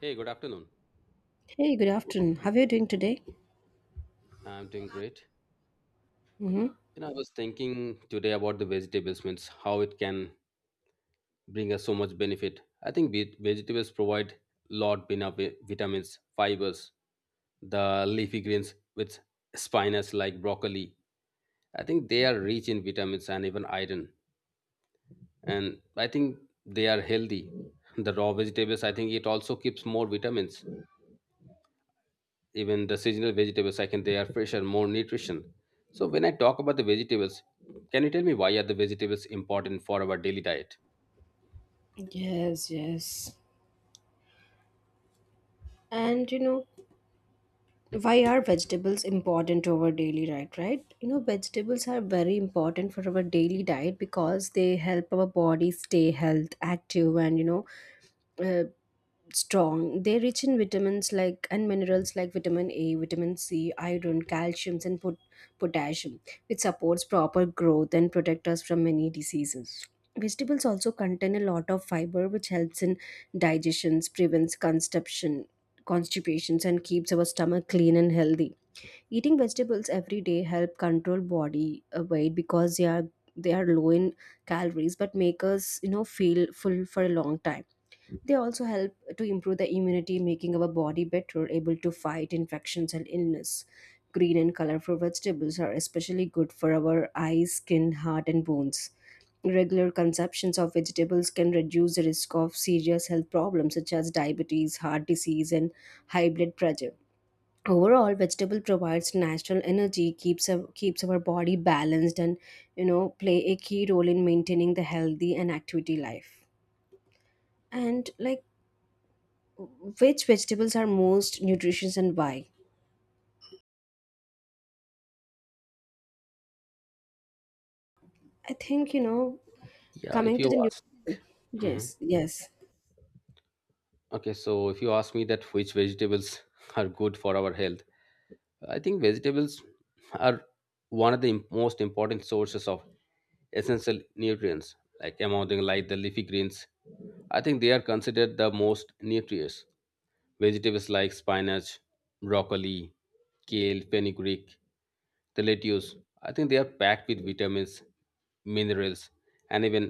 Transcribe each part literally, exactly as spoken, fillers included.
Hey, good afternoon. Hey, good afternoon. How are you doing today? I'm doing great. hmm You know, I was thinking today about the vegetables, means how it can bring us so much benefit. I think ve- vegetables provide lot of vitamins, fibers, the leafy greens with spinach like broccoli. I think they are rich in vitamins and even iron. And I think they are healthy. The raw vegetables, I think it also keeps more vitamins. Even the seasonal vegetables I can they are fresher, more nutrition. So when I talk about the vegetables, can you tell me why are the vegetables important for our daily diet? Yes, yes. And you know, why are vegetables important to our daily diet, right? You know, vegetables are very important for our daily diet because they help our body stay health active and you know, uh, strong. They're rich in vitamins like and minerals like vitamin A, vitamin C, iron, calcium, and pot- potassium, which supports proper growth and protect us from many diseases. Vegetables also contain a lot of fiber, which helps in digestions, prevents constipation, constipations, and keeps our stomach clean and healthy. Eating vegetables every day help control body uh, weight because they are they are low in calories but make us you know feel full for a long time. They also help to improve the immunity, making our body better able to fight infections and illness. Green and colorful vegetables are especially good for our eyes, skin, heart, and bones. Regular consumptions of vegetables can reduce the risk of serious health problems such as diabetes, heart disease, and high blood pressure. Overall, vegetable provides natural energy, keeps our, keeps our body balanced, and you know play a key role in maintaining the healthy and activity life and like. Which vegetables are most nutritious and why? I think, you know, Yeah, if coming you to the new. ask. Mhm. Yes, yes, Okay, so if you ask me that which vegetables are good for our health, I think vegetables are one of the im- most important sources of essential nutrients, like among them like the leafy greens. I think they are considered the most nutritious vegetables, like spinach, broccoli, kale, fenugreek, the lettuce. I think they are packed with vitamins, minerals, and even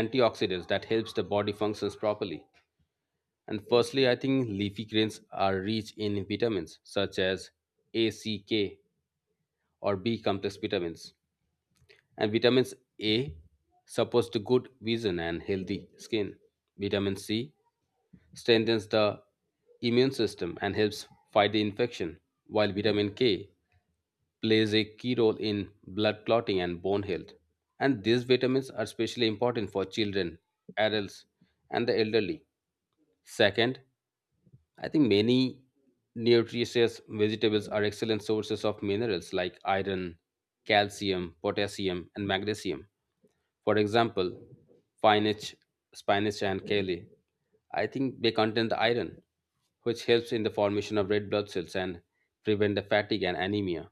antioxidants that helps the body functions properly. And firstly, I think leafy greens are rich in vitamins such as A, C, K, or B complex vitamins. And vitamins A supports the good vision and healthy skin. Vitamin C strengthens the immune system and helps fight the infection, while vitamin K plays a key role in blood clotting and bone health. And these vitamins are especially important for children, adults, and the elderly. Second, I think many nutritious vegetables are excellent sources of minerals like iron, calcium, potassium, and magnesium. For example, spinach, spinach and kale. I think they contain the iron, which helps in the formation of red blood cells and prevent the fatigue and anemia.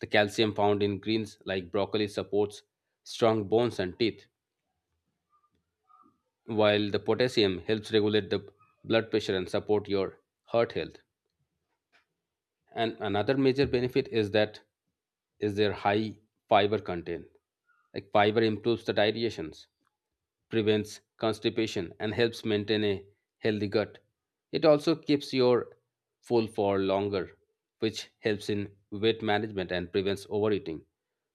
The calcium found in greens like broccoli supports strong bones and teeth, while the potassium helps regulate the blood pressure and support your heart health. And another major benefit is that is their high fiber content. Like, fiber improves the digestions, prevents constipation, and helps maintain a healthy gut. It also keeps your full for longer, which helps in weight management and prevents overeating.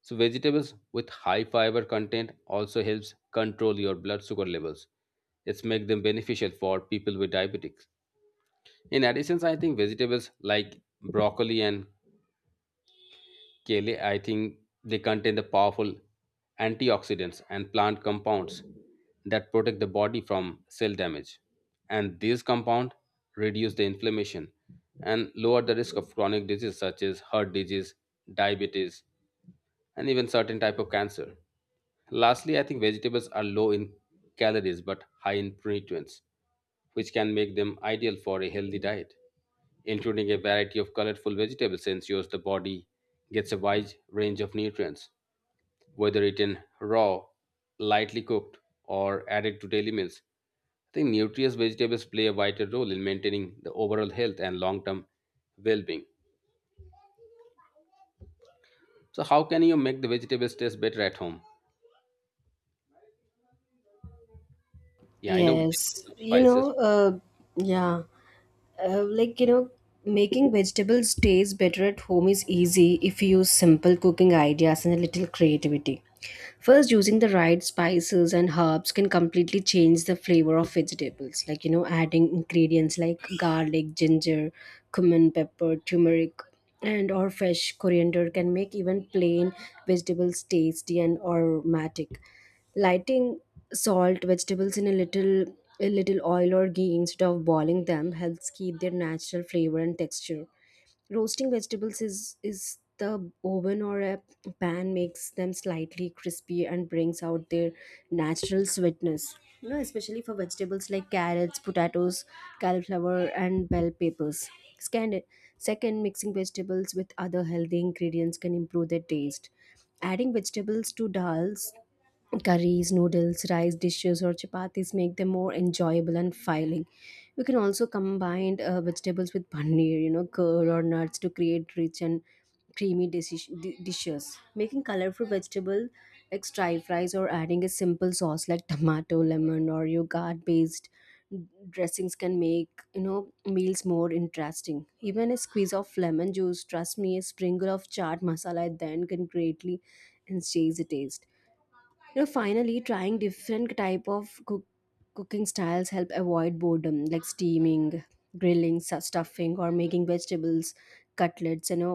So vegetables with high fiber content also helps control your blood sugar levels. It's make them beneficial for people with diabetics. In addition, I think vegetables like broccoli and kale, I think they contain the powerful antioxidants and plant compounds that protect the body from cell damage. And these compounds reduce the inflammation and lower the risk of chronic disease such as heart disease, diabetes, and even certain type of cancer. Lastly, I think vegetables are low in calories but high in nutrients, which can make them ideal for a healthy diet. Including a variety of colorful vegetables ensures the body gets a wide range of nutrients, whether eaten raw, lightly cooked, or added to daily meals. I think nutritious vegetables play a vital role in maintaining the overall health and long term well being. So, how can you make the vegetables taste better at home? Yeah, I know we can use yes. some You spices. know, uh, yeah. uh, like you know Making vegetables taste better at home is easy if you use simple cooking ideas and a little creativity. First, using the right spices and herbs can completely change the flavor of vegetables, like you know adding ingredients like garlic, ginger, cumin, pepper, turmeric, and or fresh coriander can make even plain vegetables tasty and aromatic. Lighting salt vegetables in a little a little oil or ghee instead of boiling them helps keep their natural flavor and texture. Roasting vegetables is is the oven or a pan makes them slightly crispy and brings out their natural sweetness, you know especially for vegetables like carrots, potatoes, cauliflower, and bell peppers. Scandi- Second, mixing vegetables with other healthy ingredients can improve their taste. Adding vegetables to dals, curries, noodles, rice dishes, or chapatis make them more enjoyable and filling. We can also combine uh, vegetables with paneer, you know, curd, or nuts to create rich and creamy dish- di- dishes. Making colorful vegetable like stir fries or adding a simple sauce like tomato, lemon, or yogurt based dressings can make you know meals more interesting. Even a squeeze of lemon juice, trust me, a sprinkle of chaat masala then can greatly enhance the taste. You know finally trying different type of cook, cooking styles help avoid boredom like steaming, grilling, su- stuffing, or making vegetables cutlets, you know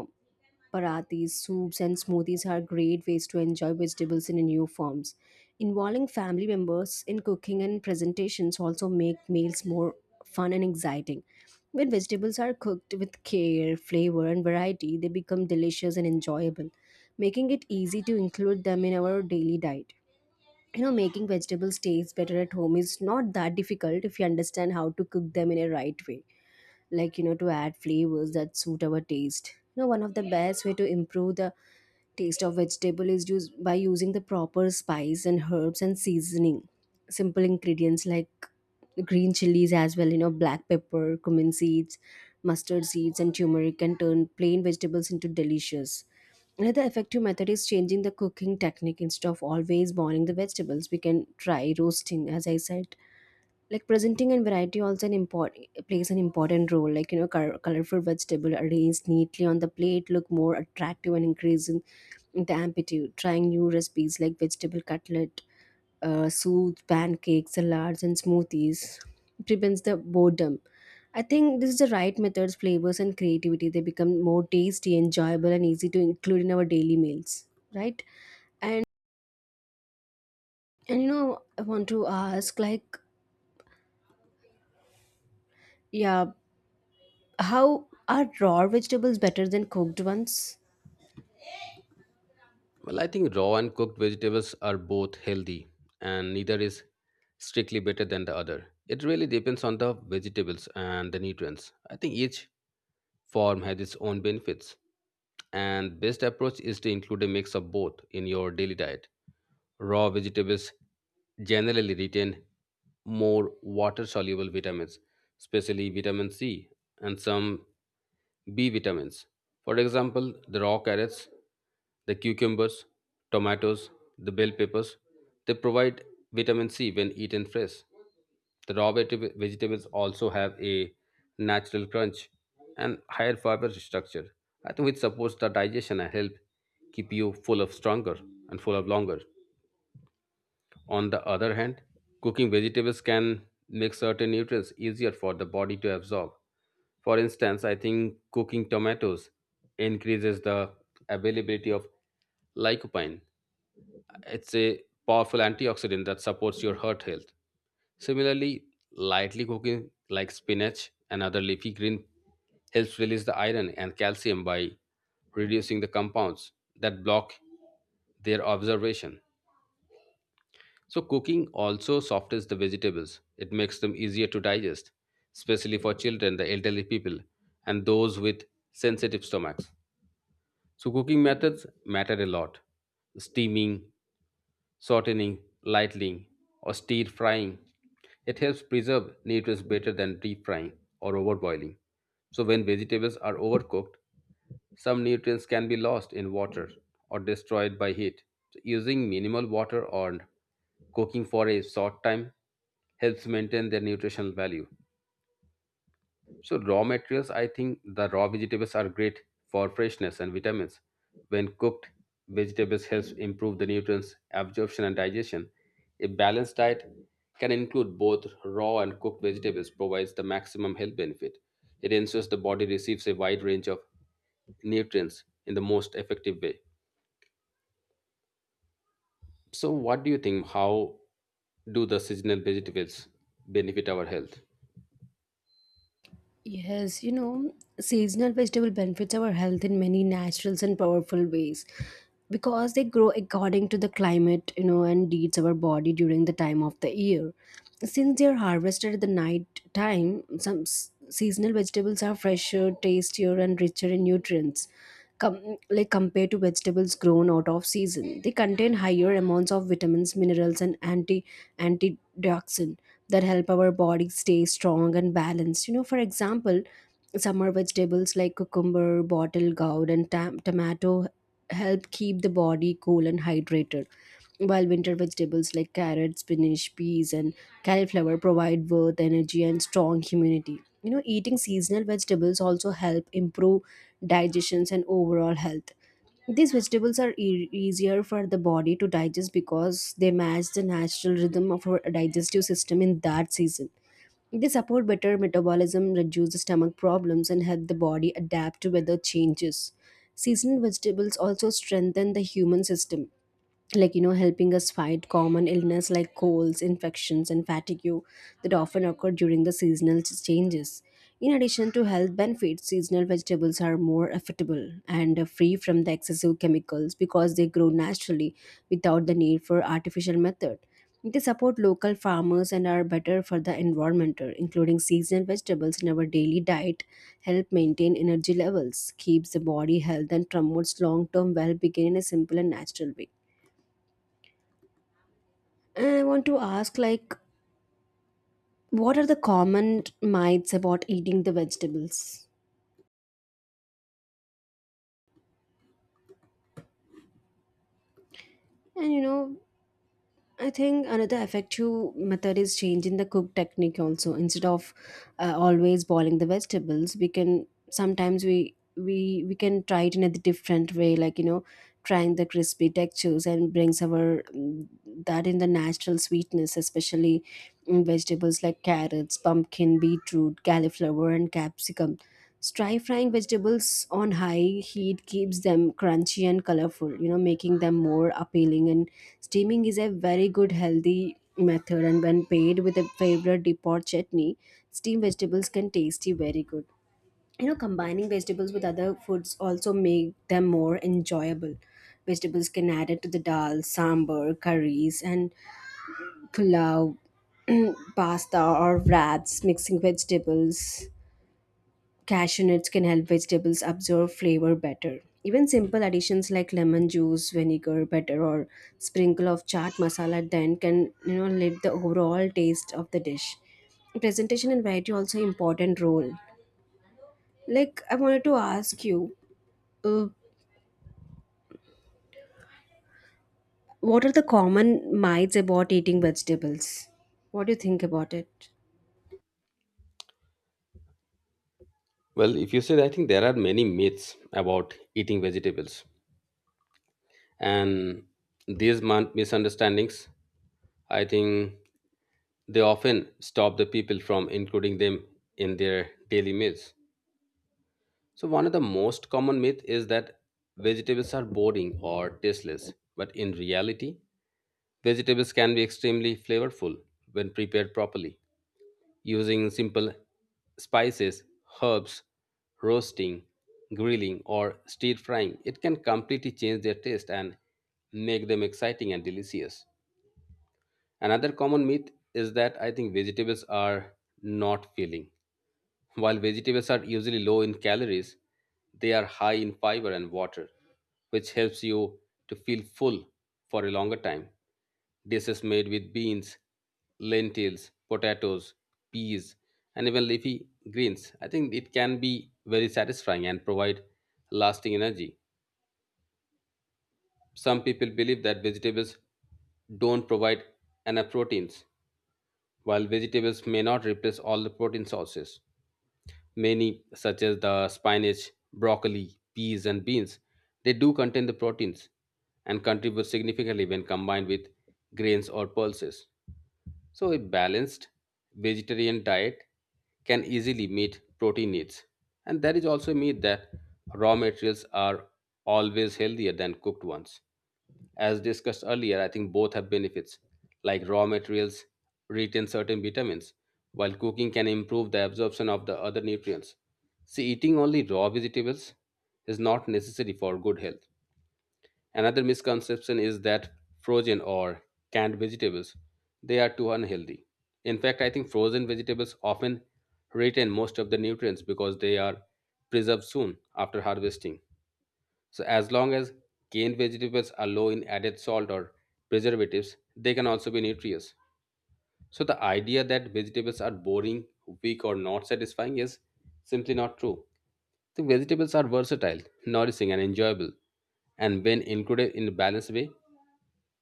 parathis, soups, and smoothies are great ways to enjoy vegetables in new forms. Involving family members in cooking and presentations also make meals more fun and exciting. When vegetables are cooked with care, flavor, and variety, they become delicious and enjoyable, making it easy to include them in our daily diet. You know making vegetables taste better at home is not that difficult if you understand how to cook them in a right way, like you know to add flavors that suit our taste. You know one of the best way to improve the taste of vegetable is used by using the proper spice and herbs and seasoning. Simple ingredients like green chilies as well, you know, black pepper, cumin seeds, mustard seeds, and turmeric can turn plain vegetables into delicious. Another effective method is changing the cooking technique instead of always boiling the vegetables. We can try roasting, as I said, like presenting and variety also an important plays an important role, like you know col- colorful vegetable arranged neatly on the plate look more attractive and increasing the amplitude, trying new recipes like vegetable cutlet, uh, soups, pancakes, salads, and smoothies prevents the boredom. I think this is the right methods, flavors, and creativity, they become more tasty, enjoyable, and easy to include in our daily meals, right? And and you know I want to ask, like, yeah, how are raw vegetables better than cooked ones? Well, I think raw and cooked vegetables are both healthy, and neither is strictly better than the other. It really depends on the vegetables and the nutrients. I think each form has its own benefits, and best approach is to include a mix of both in your daily diet. Raw vegetables generally retain more water soluble vitamins, especially vitamin C and some B vitamins. For example, the raw carrots, the cucumbers, tomatoes, the bell peppers, they provide vitamin C when eaten fresh. The raw veg- vegetables also have a natural crunch and higher fiber structure, I think, which supports the digestion and help keep you full of stronger and full of longer. On the other hand, cooking vegetables can make certain nutrients easier for the body to absorb. For instance, I think cooking tomatoes increases the availability of lycopene. It's a powerful antioxidant that supports your heart health. Similarly, lightly cooking like spinach and other leafy green helps release the iron and calcium by reducing the compounds that block their absorption. So, cooking also softens the vegetables. It makes them easier to digest, especially for children, the elderly people, and those with sensitive stomachs. So, cooking methods matter a lot. Steaming, sauteing, lightning, or stir frying. It helps preserve nutrients better than deep frying or overboiling. So, when vegetables are overcooked, some nutrients can be lost in water or destroyed by heat. So using minimal water or cooking for a short time helps maintain their nutritional value. So raw materials, I think the raw vegetables are great for freshness and vitamins. When cooked, vegetables helps improve the nutrients absorption and digestion. A balanced diet can include both raw and cooked vegetables provides the maximum health benefit. It ensures the body receives a wide range of nutrients in the most effective way. So what do you think, how do the seasonal vegetables benefit our health? Yes, you know, seasonal vegetable benefits our health in many natural and powerful ways because they grow according to the climate, you know, and needs our body during the time of the year. Since they are harvested at the night time, some s- seasonal vegetables are fresher, tastier, and richer in nutrients. Com- like compared to vegetables grown out of season. They contain higher amounts of vitamins, minerals, and anti antioxidant that help our body stay strong and balanced. You know, for example, summer vegetables like cucumber, bottle gourd, and tam- tomato help keep the body cool and hydrated, while winter vegetables like carrots, spinach, peas, and cauliflower provide both energy and strong immunity. You know, eating seasonal vegetables also help improve digestions and overall health. These vegetables are e- easier for the body to digest because they match the natural rhythm of our digestive system in that season. They support better metabolism, reduce stomach problems, and help the body adapt to weather changes. Seasonal vegetables also strengthen the human system, like you know helping us fight common illness like colds, infections, and fatigue that often occur during the seasonal ch- changes. In addition to health benefits, seasonal vegetables are more affordable and uh, free from the excessive chemicals because they grow naturally without the need for artificial method. They support local farmers and are better for the environment. Including seasonal vegetables in our daily diet help maintain energy levels, keeps the body health, and promotes long-term well-being in a simple and natural way. And I want to ask, like, what are the common myths about eating the vegetables? And you know, I think another effective method is changing the cook technique also. Instead of uh, always boiling the vegetables, we can sometimes we we we can try it in a different way, like you know, trying the crispy textures and brings our mm, that in the natural sweetness, especially in vegetables like carrots, pumpkin, beetroot, cauliflower, and capsicum. Stir frying vegetables on high heat keeps them crunchy and colorful, you know, making them more appealing. And steaming is a very good healthy method. And when paired with a favorite dip or chutney, steamed vegetables can tasty very good. You know, combining vegetables with other foods also make them more enjoyable. Vegetables can add it to the dal, sambar, curries, and pulao, pasta, or wraps. Mixing vegetables cashew nuts can help vegetables absorb flavor better. Even simple additions like lemon juice, vinegar, butter, or sprinkle of chaat masala at the end can you know lift the overall taste of the dish. Presentation and variety also important role. Like I wanted to ask you, uh, what are the common myths about eating vegetables? What do you think about it? Well, if you say, I think there are many myths about eating vegetables, and these mon- misunderstandings, I think they often stop the people from including them in their daily meals. So one of the most common myth is that vegetables are boring or tasteless, but in reality vegetables can be extremely flavorful when prepared properly. Using simple spices, herbs, roasting, grilling, or stir frying it can completely change their taste and make them exciting and delicious. Another common myth is that, I think, vegetables are not filling. While vegetables are usually low in calories, they are high in fiber and water, which helps you to feel full for a longer time. Dishes made with beans, lentils, potatoes, peas, and even leafy greens, I think it can be very satisfying and provide lasting energy. Some people believe that vegetables don't provide enough proteins. While vegetables may not replace all the protein sources, many, such as the spinach, broccoli, peas, and beans, they do contain the proteins and contribute significantly when combined with grains or pulses. So, a balanced vegetarian diet can easily meet protein needs. And there is also a myth that raw materials are always healthier than cooked ones. As discussed earlier, I think both have benefits, like raw materials retain certain vitamins, while cooking can improve the absorption of the other nutrients. See, eating only raw vegetables is not necessary for good health. Another misconception is that frozen or canned vegetables they are too unhealthy. In fact, I think frozen vegetables often retain most of the nutrients because they are preserved soon after harvesting. So as long as canned vegetables are low in added salt or preservatives, they can also be nutritious. So the idea that vegetables are boring, weak, or not satisfying is simply not true. The vegetables are versatile, nourishing, and enjoyable, and when included in a balanced way,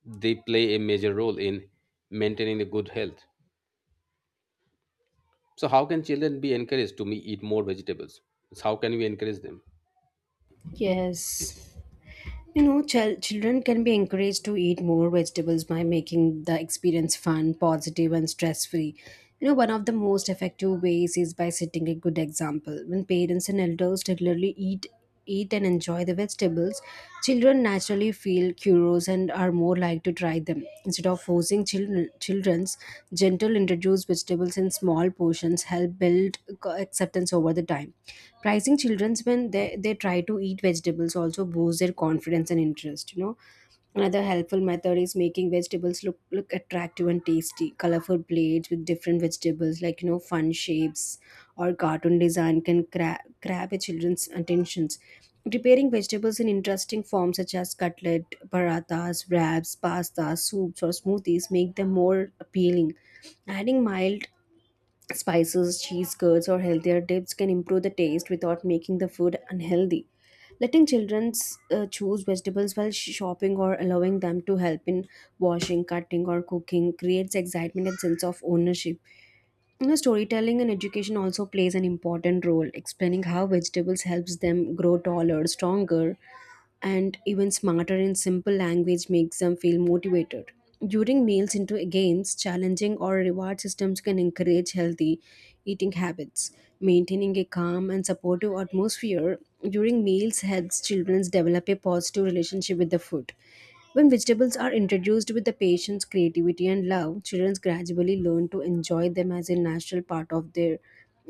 they play a major role in maintaining the good health. So how can children be encouraged to me eat more vegetables? So how can we encourage them? Yes. You know, chil- children can be encouraged to eat more vegetables by making the experience fun, positive, and stress free. You know, one of the most effective ways is by setting a good example. When parents and elders regularly eat, eat and enjoy the vegetables, children naturally feel curious and are more likely to try them. Instead of forcing children, children's gentle introduce vegetables in small portions help build co- acceptance over the time. Pricing children's when they, they try to eat vegetables also boosts their confidence and interest, you know. Another helpful method is making vegetables look look attractive and tasty. Colorful plates with different vegetables, like, you know, fun shapes or cartoon design can cra- grab a children's attentions. Preparing vegetables in interesting forms such as cutlet, parathas, wraps, pastas, soups, or smoothies make them more appealing. Adding mild spices, cheese curds, or healthier dips can improve the taste without making the food unhealthy. Letting children uh, choose vegetables while sh- shopping or allowing them to help in washing, cutting, or cooking creates excitement and sense of ownership. You know, storytelling and education also plays an important role, explaining how vegetables helps them grow taller, stronger, and even smarter in simple language makes them feel motivated. During meals into games, challenging or reward systems can encourage healthy eating habits. Maintaining a calm and supportive atmosphere during meals helps children develop a positive relationship with the food. When vegetables are introduced with the patient's creativity and love, children gradually learn to enjoy them as a natural part of their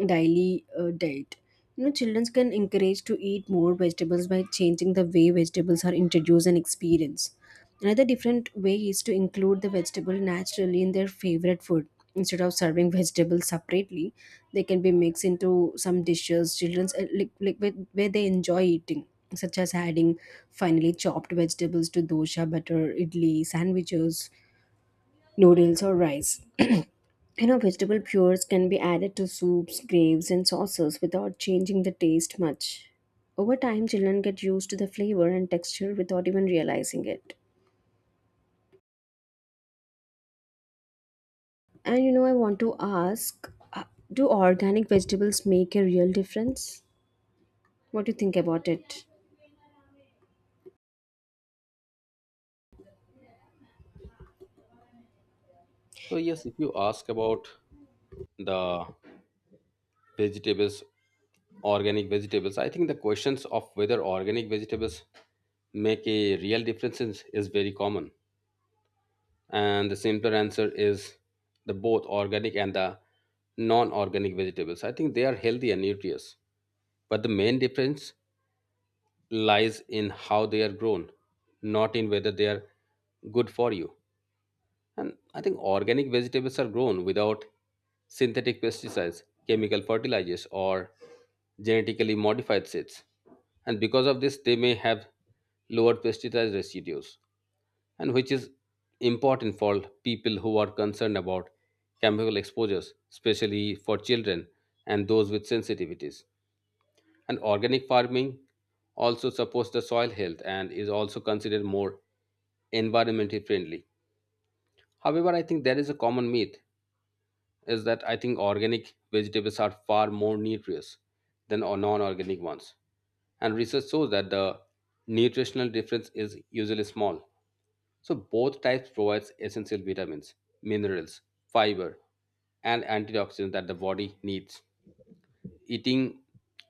daily uh, diet. You know, children can encourage to eat more vegetables by changing the way vegetables are introduced and experienced. Another different way is to include the vegetable naturally in their favorite food. Instead of serving vegetables separately, they can be mixed into some dishes children's uh, like, like where, where they enjoy eating, such as adding finely chopped vegetables to dosha, butter, idli, sandwiches, noodles, or rice. You know, vegetable purees can be added to soups, graves, and sauces without changing the taste much. Over time, children get used to the flavor and texture without even realizing it. And you know, I want to ask uh, do organic vegetables make a real difference? What do you think about it? So yes, if you ask about the vegetables, organic vegetables, I think the questions of whether organic vegetables make a real difference is, is very common. And the simpler answer is the both organic and the non-organic vegetables. I think they are healthy and nutritious. But the main difference lies in how they are grown, not in whether they are good for you. And I think organic vegetables are grown without synthetic pesticides, chemical fertilizers, or genetically modified seeds. And because of this, they may have lower pesticide residues, and which is important for people who are concerned about chemical exposures, especially for children and those with sensitivities. And organic farming also supports the soil health and is also considered more environmentally friendly. However, I think there is a common myth is that, I think, organic vegetables are far more nutritious than or non-organic ones. And research shows that the nutritional difference is usually small. So both types provides essential vitamins, minerals, fiber, and antioxidants that the body needs. Eating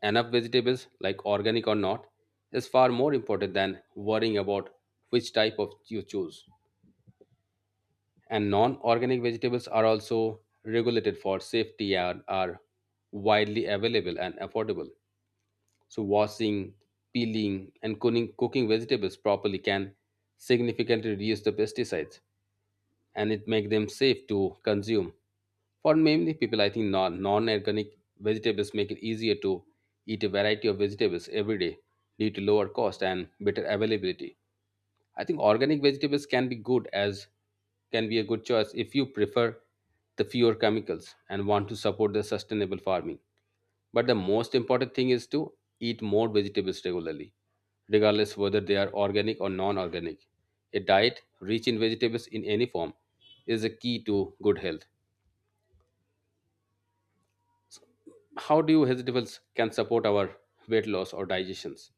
enough vegetables, like organic or not, is far more important than worrying about which type of you choose. And non-organic vegetables are also regulated for safety and are widely available and affordable. So washing, peeling, and cooking, cooking vegetables properly can significantly reduce the pesticides and it make them safe to consume. For many people, I think non organic vegetables make it easier to eat a variety of vegetables every day due to lower cost and better availability. I think organic vegetables can be good as can be a good choice if you prefer the fewer chemicals and want to support the sustainable farming. But the most important thing is to eat more vegetables regularly, regardless whether they are organic or non-organic. A diet rich in vegetables in any form is a key to good health. How do you vegetables can support our weight loss or digestions?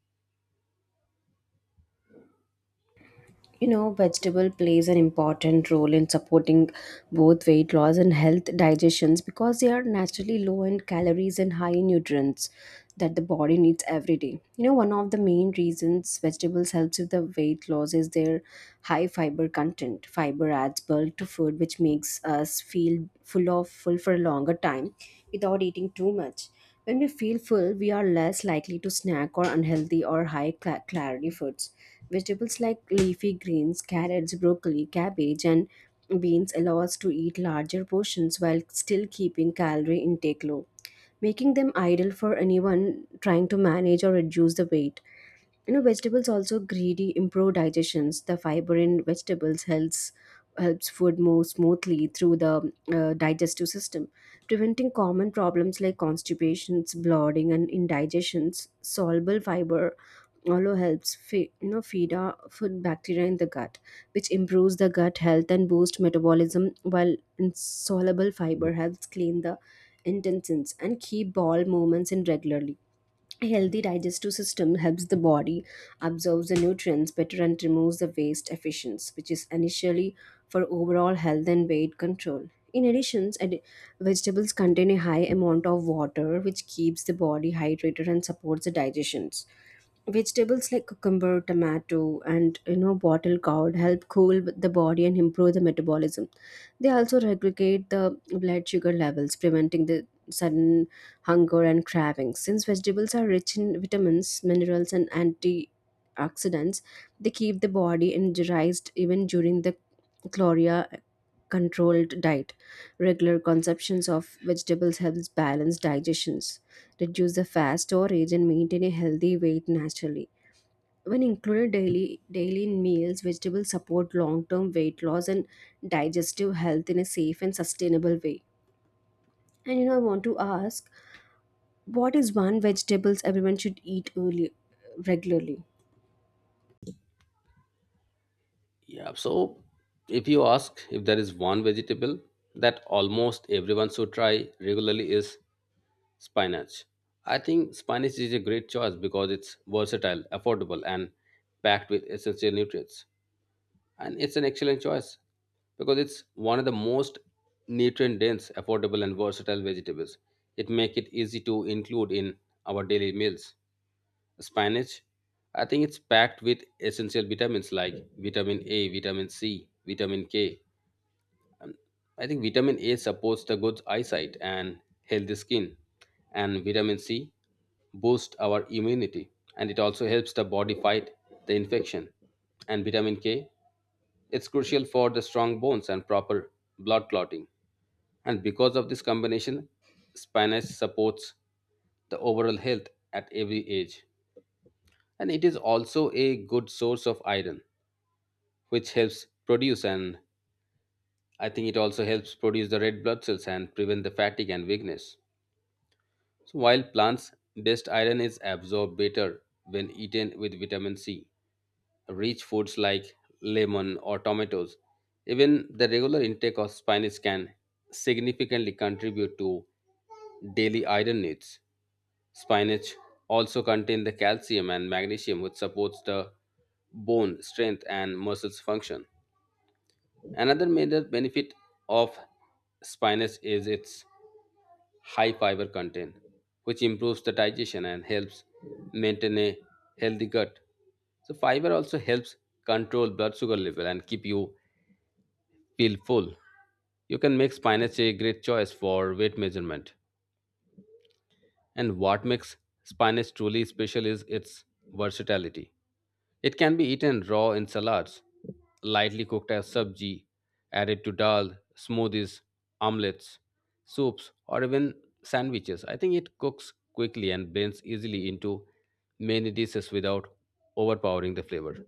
You know, vegetable plays an important role in supporting both weight loss and health digestions because they are naturally low in calories and high in nutrients that the body needs every day. You know, one of the main reasons vegetables helps with the weight loss is their high fiber content. Fiber adds bulk to food, which makes us feel full of full for a longer time without eating too much. When we feel full, we are less likely to snack or unhealthy or high cla- calorie foods. Vegetables like leafy greens, carrots, broccoli, cabbage, and beans allow us to eat larger portions while still keeping calorie intake low, making them ideal for anyone trying to manage or reduce the weight. You know vegetables also greedy improve digestions. The fiber in vegetables helps helps food move smoothly through the uh, digestive system, preventing common problems like constipations, bloating, and indigestions. Soluble fiber also helps fe- you know feed our food bacteria in the gut, which improves the gut health and boosts metabolism, while insoluble fiber helps clean the intestines and keep bowel movements in regularly. A healthy digestive system helps the body absorb the nutrients better and removes the waste efficiency, which is initially for overall health and weight control. In addition, ad- vegetables contain a high amount of water, which keeps the body hydrated and supports the digestions. Vegetables like cucumber, tomato, and you know bottle gourd help cool the body and improve the metabolism. They also regulate the blood sugar levels, preventing the sudden hunger and cravings. Since vegetables are rich in vitamins, minerals, and antioxidants, they keep the body energized even during the chloria controlled diet. Regular consumptions of vegetables helps balance digestions, reduce the fast storage, and maintain a healthy weight naturally. When included daily daily in meals, vegetables support long term weight loss and digestive health in a safe and sustainable way. And you know I want to ask, what is one vegetables everyone should eat early regularly? Yeah, so if you ask if there is one vegetable that almost everyone should try regularly is spinach. I think spinach is a great choice because it's versatile, affordable, and packed with essential nutrients, and it's an excellent choice because it's one of the most nutrient dense, affordable, and versatile vegetables. It makes it easy to include in our daily meals. Spinach, I think it's packed with essential vitamins like vitamin A, vitamin C, vitamin K. I think vitamin A supports the good eyesight and healthy skin, and vitamin C boosts our immunity and it also helps the body fight the infection. And vitamin K, it's crucial for the strong bones and proper blood clotting. And because of this combination, spinach supports the overall health at every age. And it is also a good source of iron which helps produce and I think it also helps produce the red blood cells and prevent the fatigue and weakness. So while plants best iron is absorbed better when eaten with vitamin C rich foods like lemon or tomatoes, even the regular intake of spinach can significantly contribute to daily iron needs. Spinach also contains the calcium and magnesium, which supports the bone strength and muscles function. Another major benefit of spinach is its high fiber content, which improves the digestion and helps maintain a healthy gut. So fiber also helps control blood sugar level and keep you feel full. You can make spinach a great choice for weight measurement. And what makes spinach truly special is its versatility. It can be eaten raw in salads, lightly cooked as sabji, added to dal, smoothies, omelets, soups, or even sandwiches. I think it cooks quickly and blends easily into many dishes without overpowering the flavor.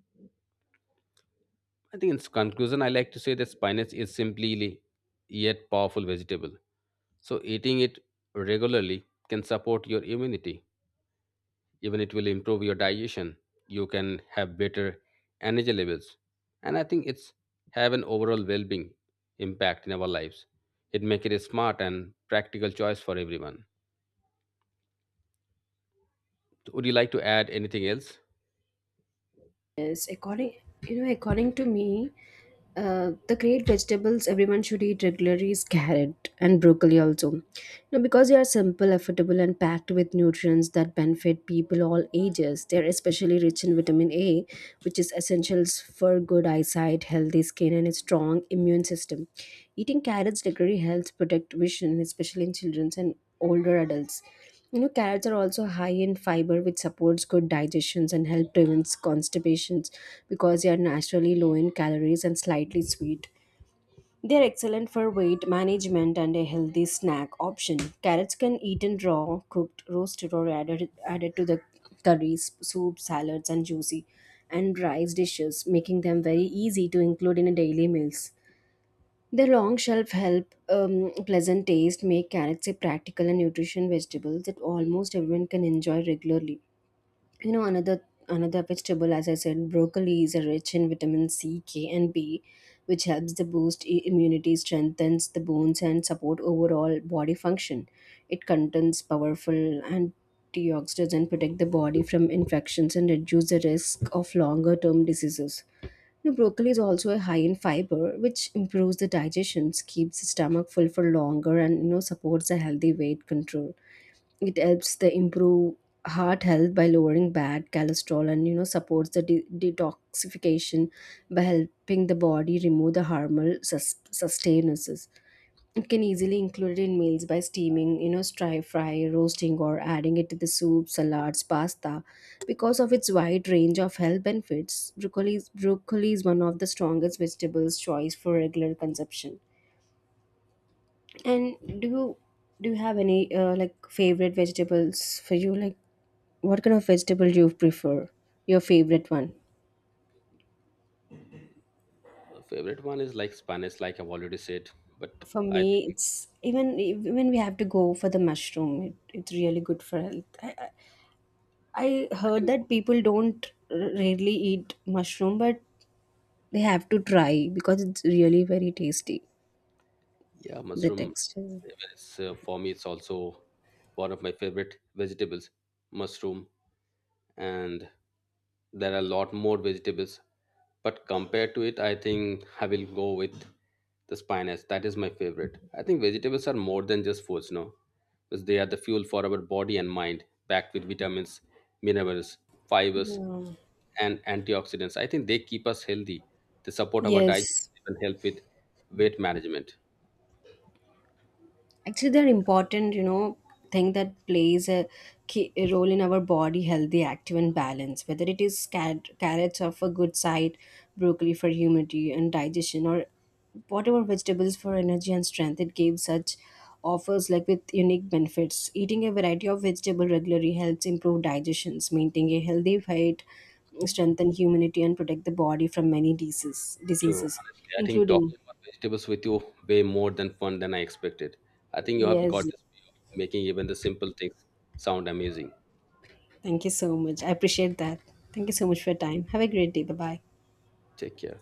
I think in conclusion, I like to say that spinach is simply yet powerful vegetable. So eating it regularly can support your immunity, even it will improve your digestion, you can have better energy levels, and I think it's have an overall well-being impact in our lives. It make it a smart and practical choice for everyone. So would you like to add anything else? Yes, according you know, according to me, uh, the great vegetables everyone should eat regularly is carrot and broccoli also. You know, because they are simple, affordable, and packed with nutrients that benefit people all ages. They are especially rich in vitamin A, which is essentials for good eyesight, healthy skin, and a strong immune system. Eating carrots regularly helps protect vision, especially in children and older adults. You know, carrots are also high in fiber, which supports good digestions and help prevents constipations, because they are naturally low in calories and slightly sweet. They are excellent for weight management and a healthy snack option. Carrots can eaten raw, cooked, roasted, or added added to the curries, soup, salads, and juicy and rice dishes, making them very easy to include in a daily meals. The long shelf help, um, pleasant taste, make carrots a practical and nutrition vegetable that almost everyone can enjoy regularly. You know, another another vegetable, as I said, broccoli is a rich in vitamin C, K, and B, which helps to boost i- immunity, strengthens the bones, and support overall body function. It contains powerful antioxidants and protect the body from infections and reduce the risk of longer term diseases. Now, broccoli is also high in fiber, which improves the digestion, keeps the stomach full for longer, and you know supports a healthy weight control. It helps the improve heart health by lowering bad cholesterol and you know supports the de- detoxification by helping the body remove the harmful sus- sustainances. It can easily include it in meals by steaming, you know, stir fry, roasting, or adding it to the soup, salads, pasta. Because of its wide range of health benefits, broccoli is, broccoli is one of the strongest vegetables choice for regular consumption. And do you do you have any uh, like favorite vegetables for you? Like what kind of vegetable do you prefer? Your favorite one? Uh, favorite one is like spinach, like I've already said, but For I me, it's even even we have to go for the mushroom. It, it's really good for health. I, I heard think, that people don't r- rarely eat mushroom, but they have to try because it's really very tasty. yeah, The mushroom. texture. Even it's, uh, for me it's also one of my favorite vegetables, mushroom. And there are a lot more vegetables, but compared to it I think I will go with the spinach. That is my favorite. I think vegetables are more than just foods, no, because they are the fuel for our body and mind, packed with vitamins, minerals, fibers, Yeah. and antioxidants. I think they keep us healthy, they support our Yes. digestion, and help with weight management. Actually, they're important, you know, thing that plays a key a role in our body, healthy, active, and balance. Whether it is car- carrots are for good sight, broccoli for humidity and digestion, or whatever vegetables for energy and strength, it gives such offers like with unique benefits. Eating a variety of vegetable regularly helps improve digestions, maintain a healthy weight, strengthen immunity, and protect the body from many diseases, True, diseases, honestly. I think including talking about vegetables with you way more than fun than I expected. I think you have yes, got this way of making even the simple things sound amazing. thank you so much. I appreciate that. Thank you so much for your time. Have a great day. Bye bye. Take care.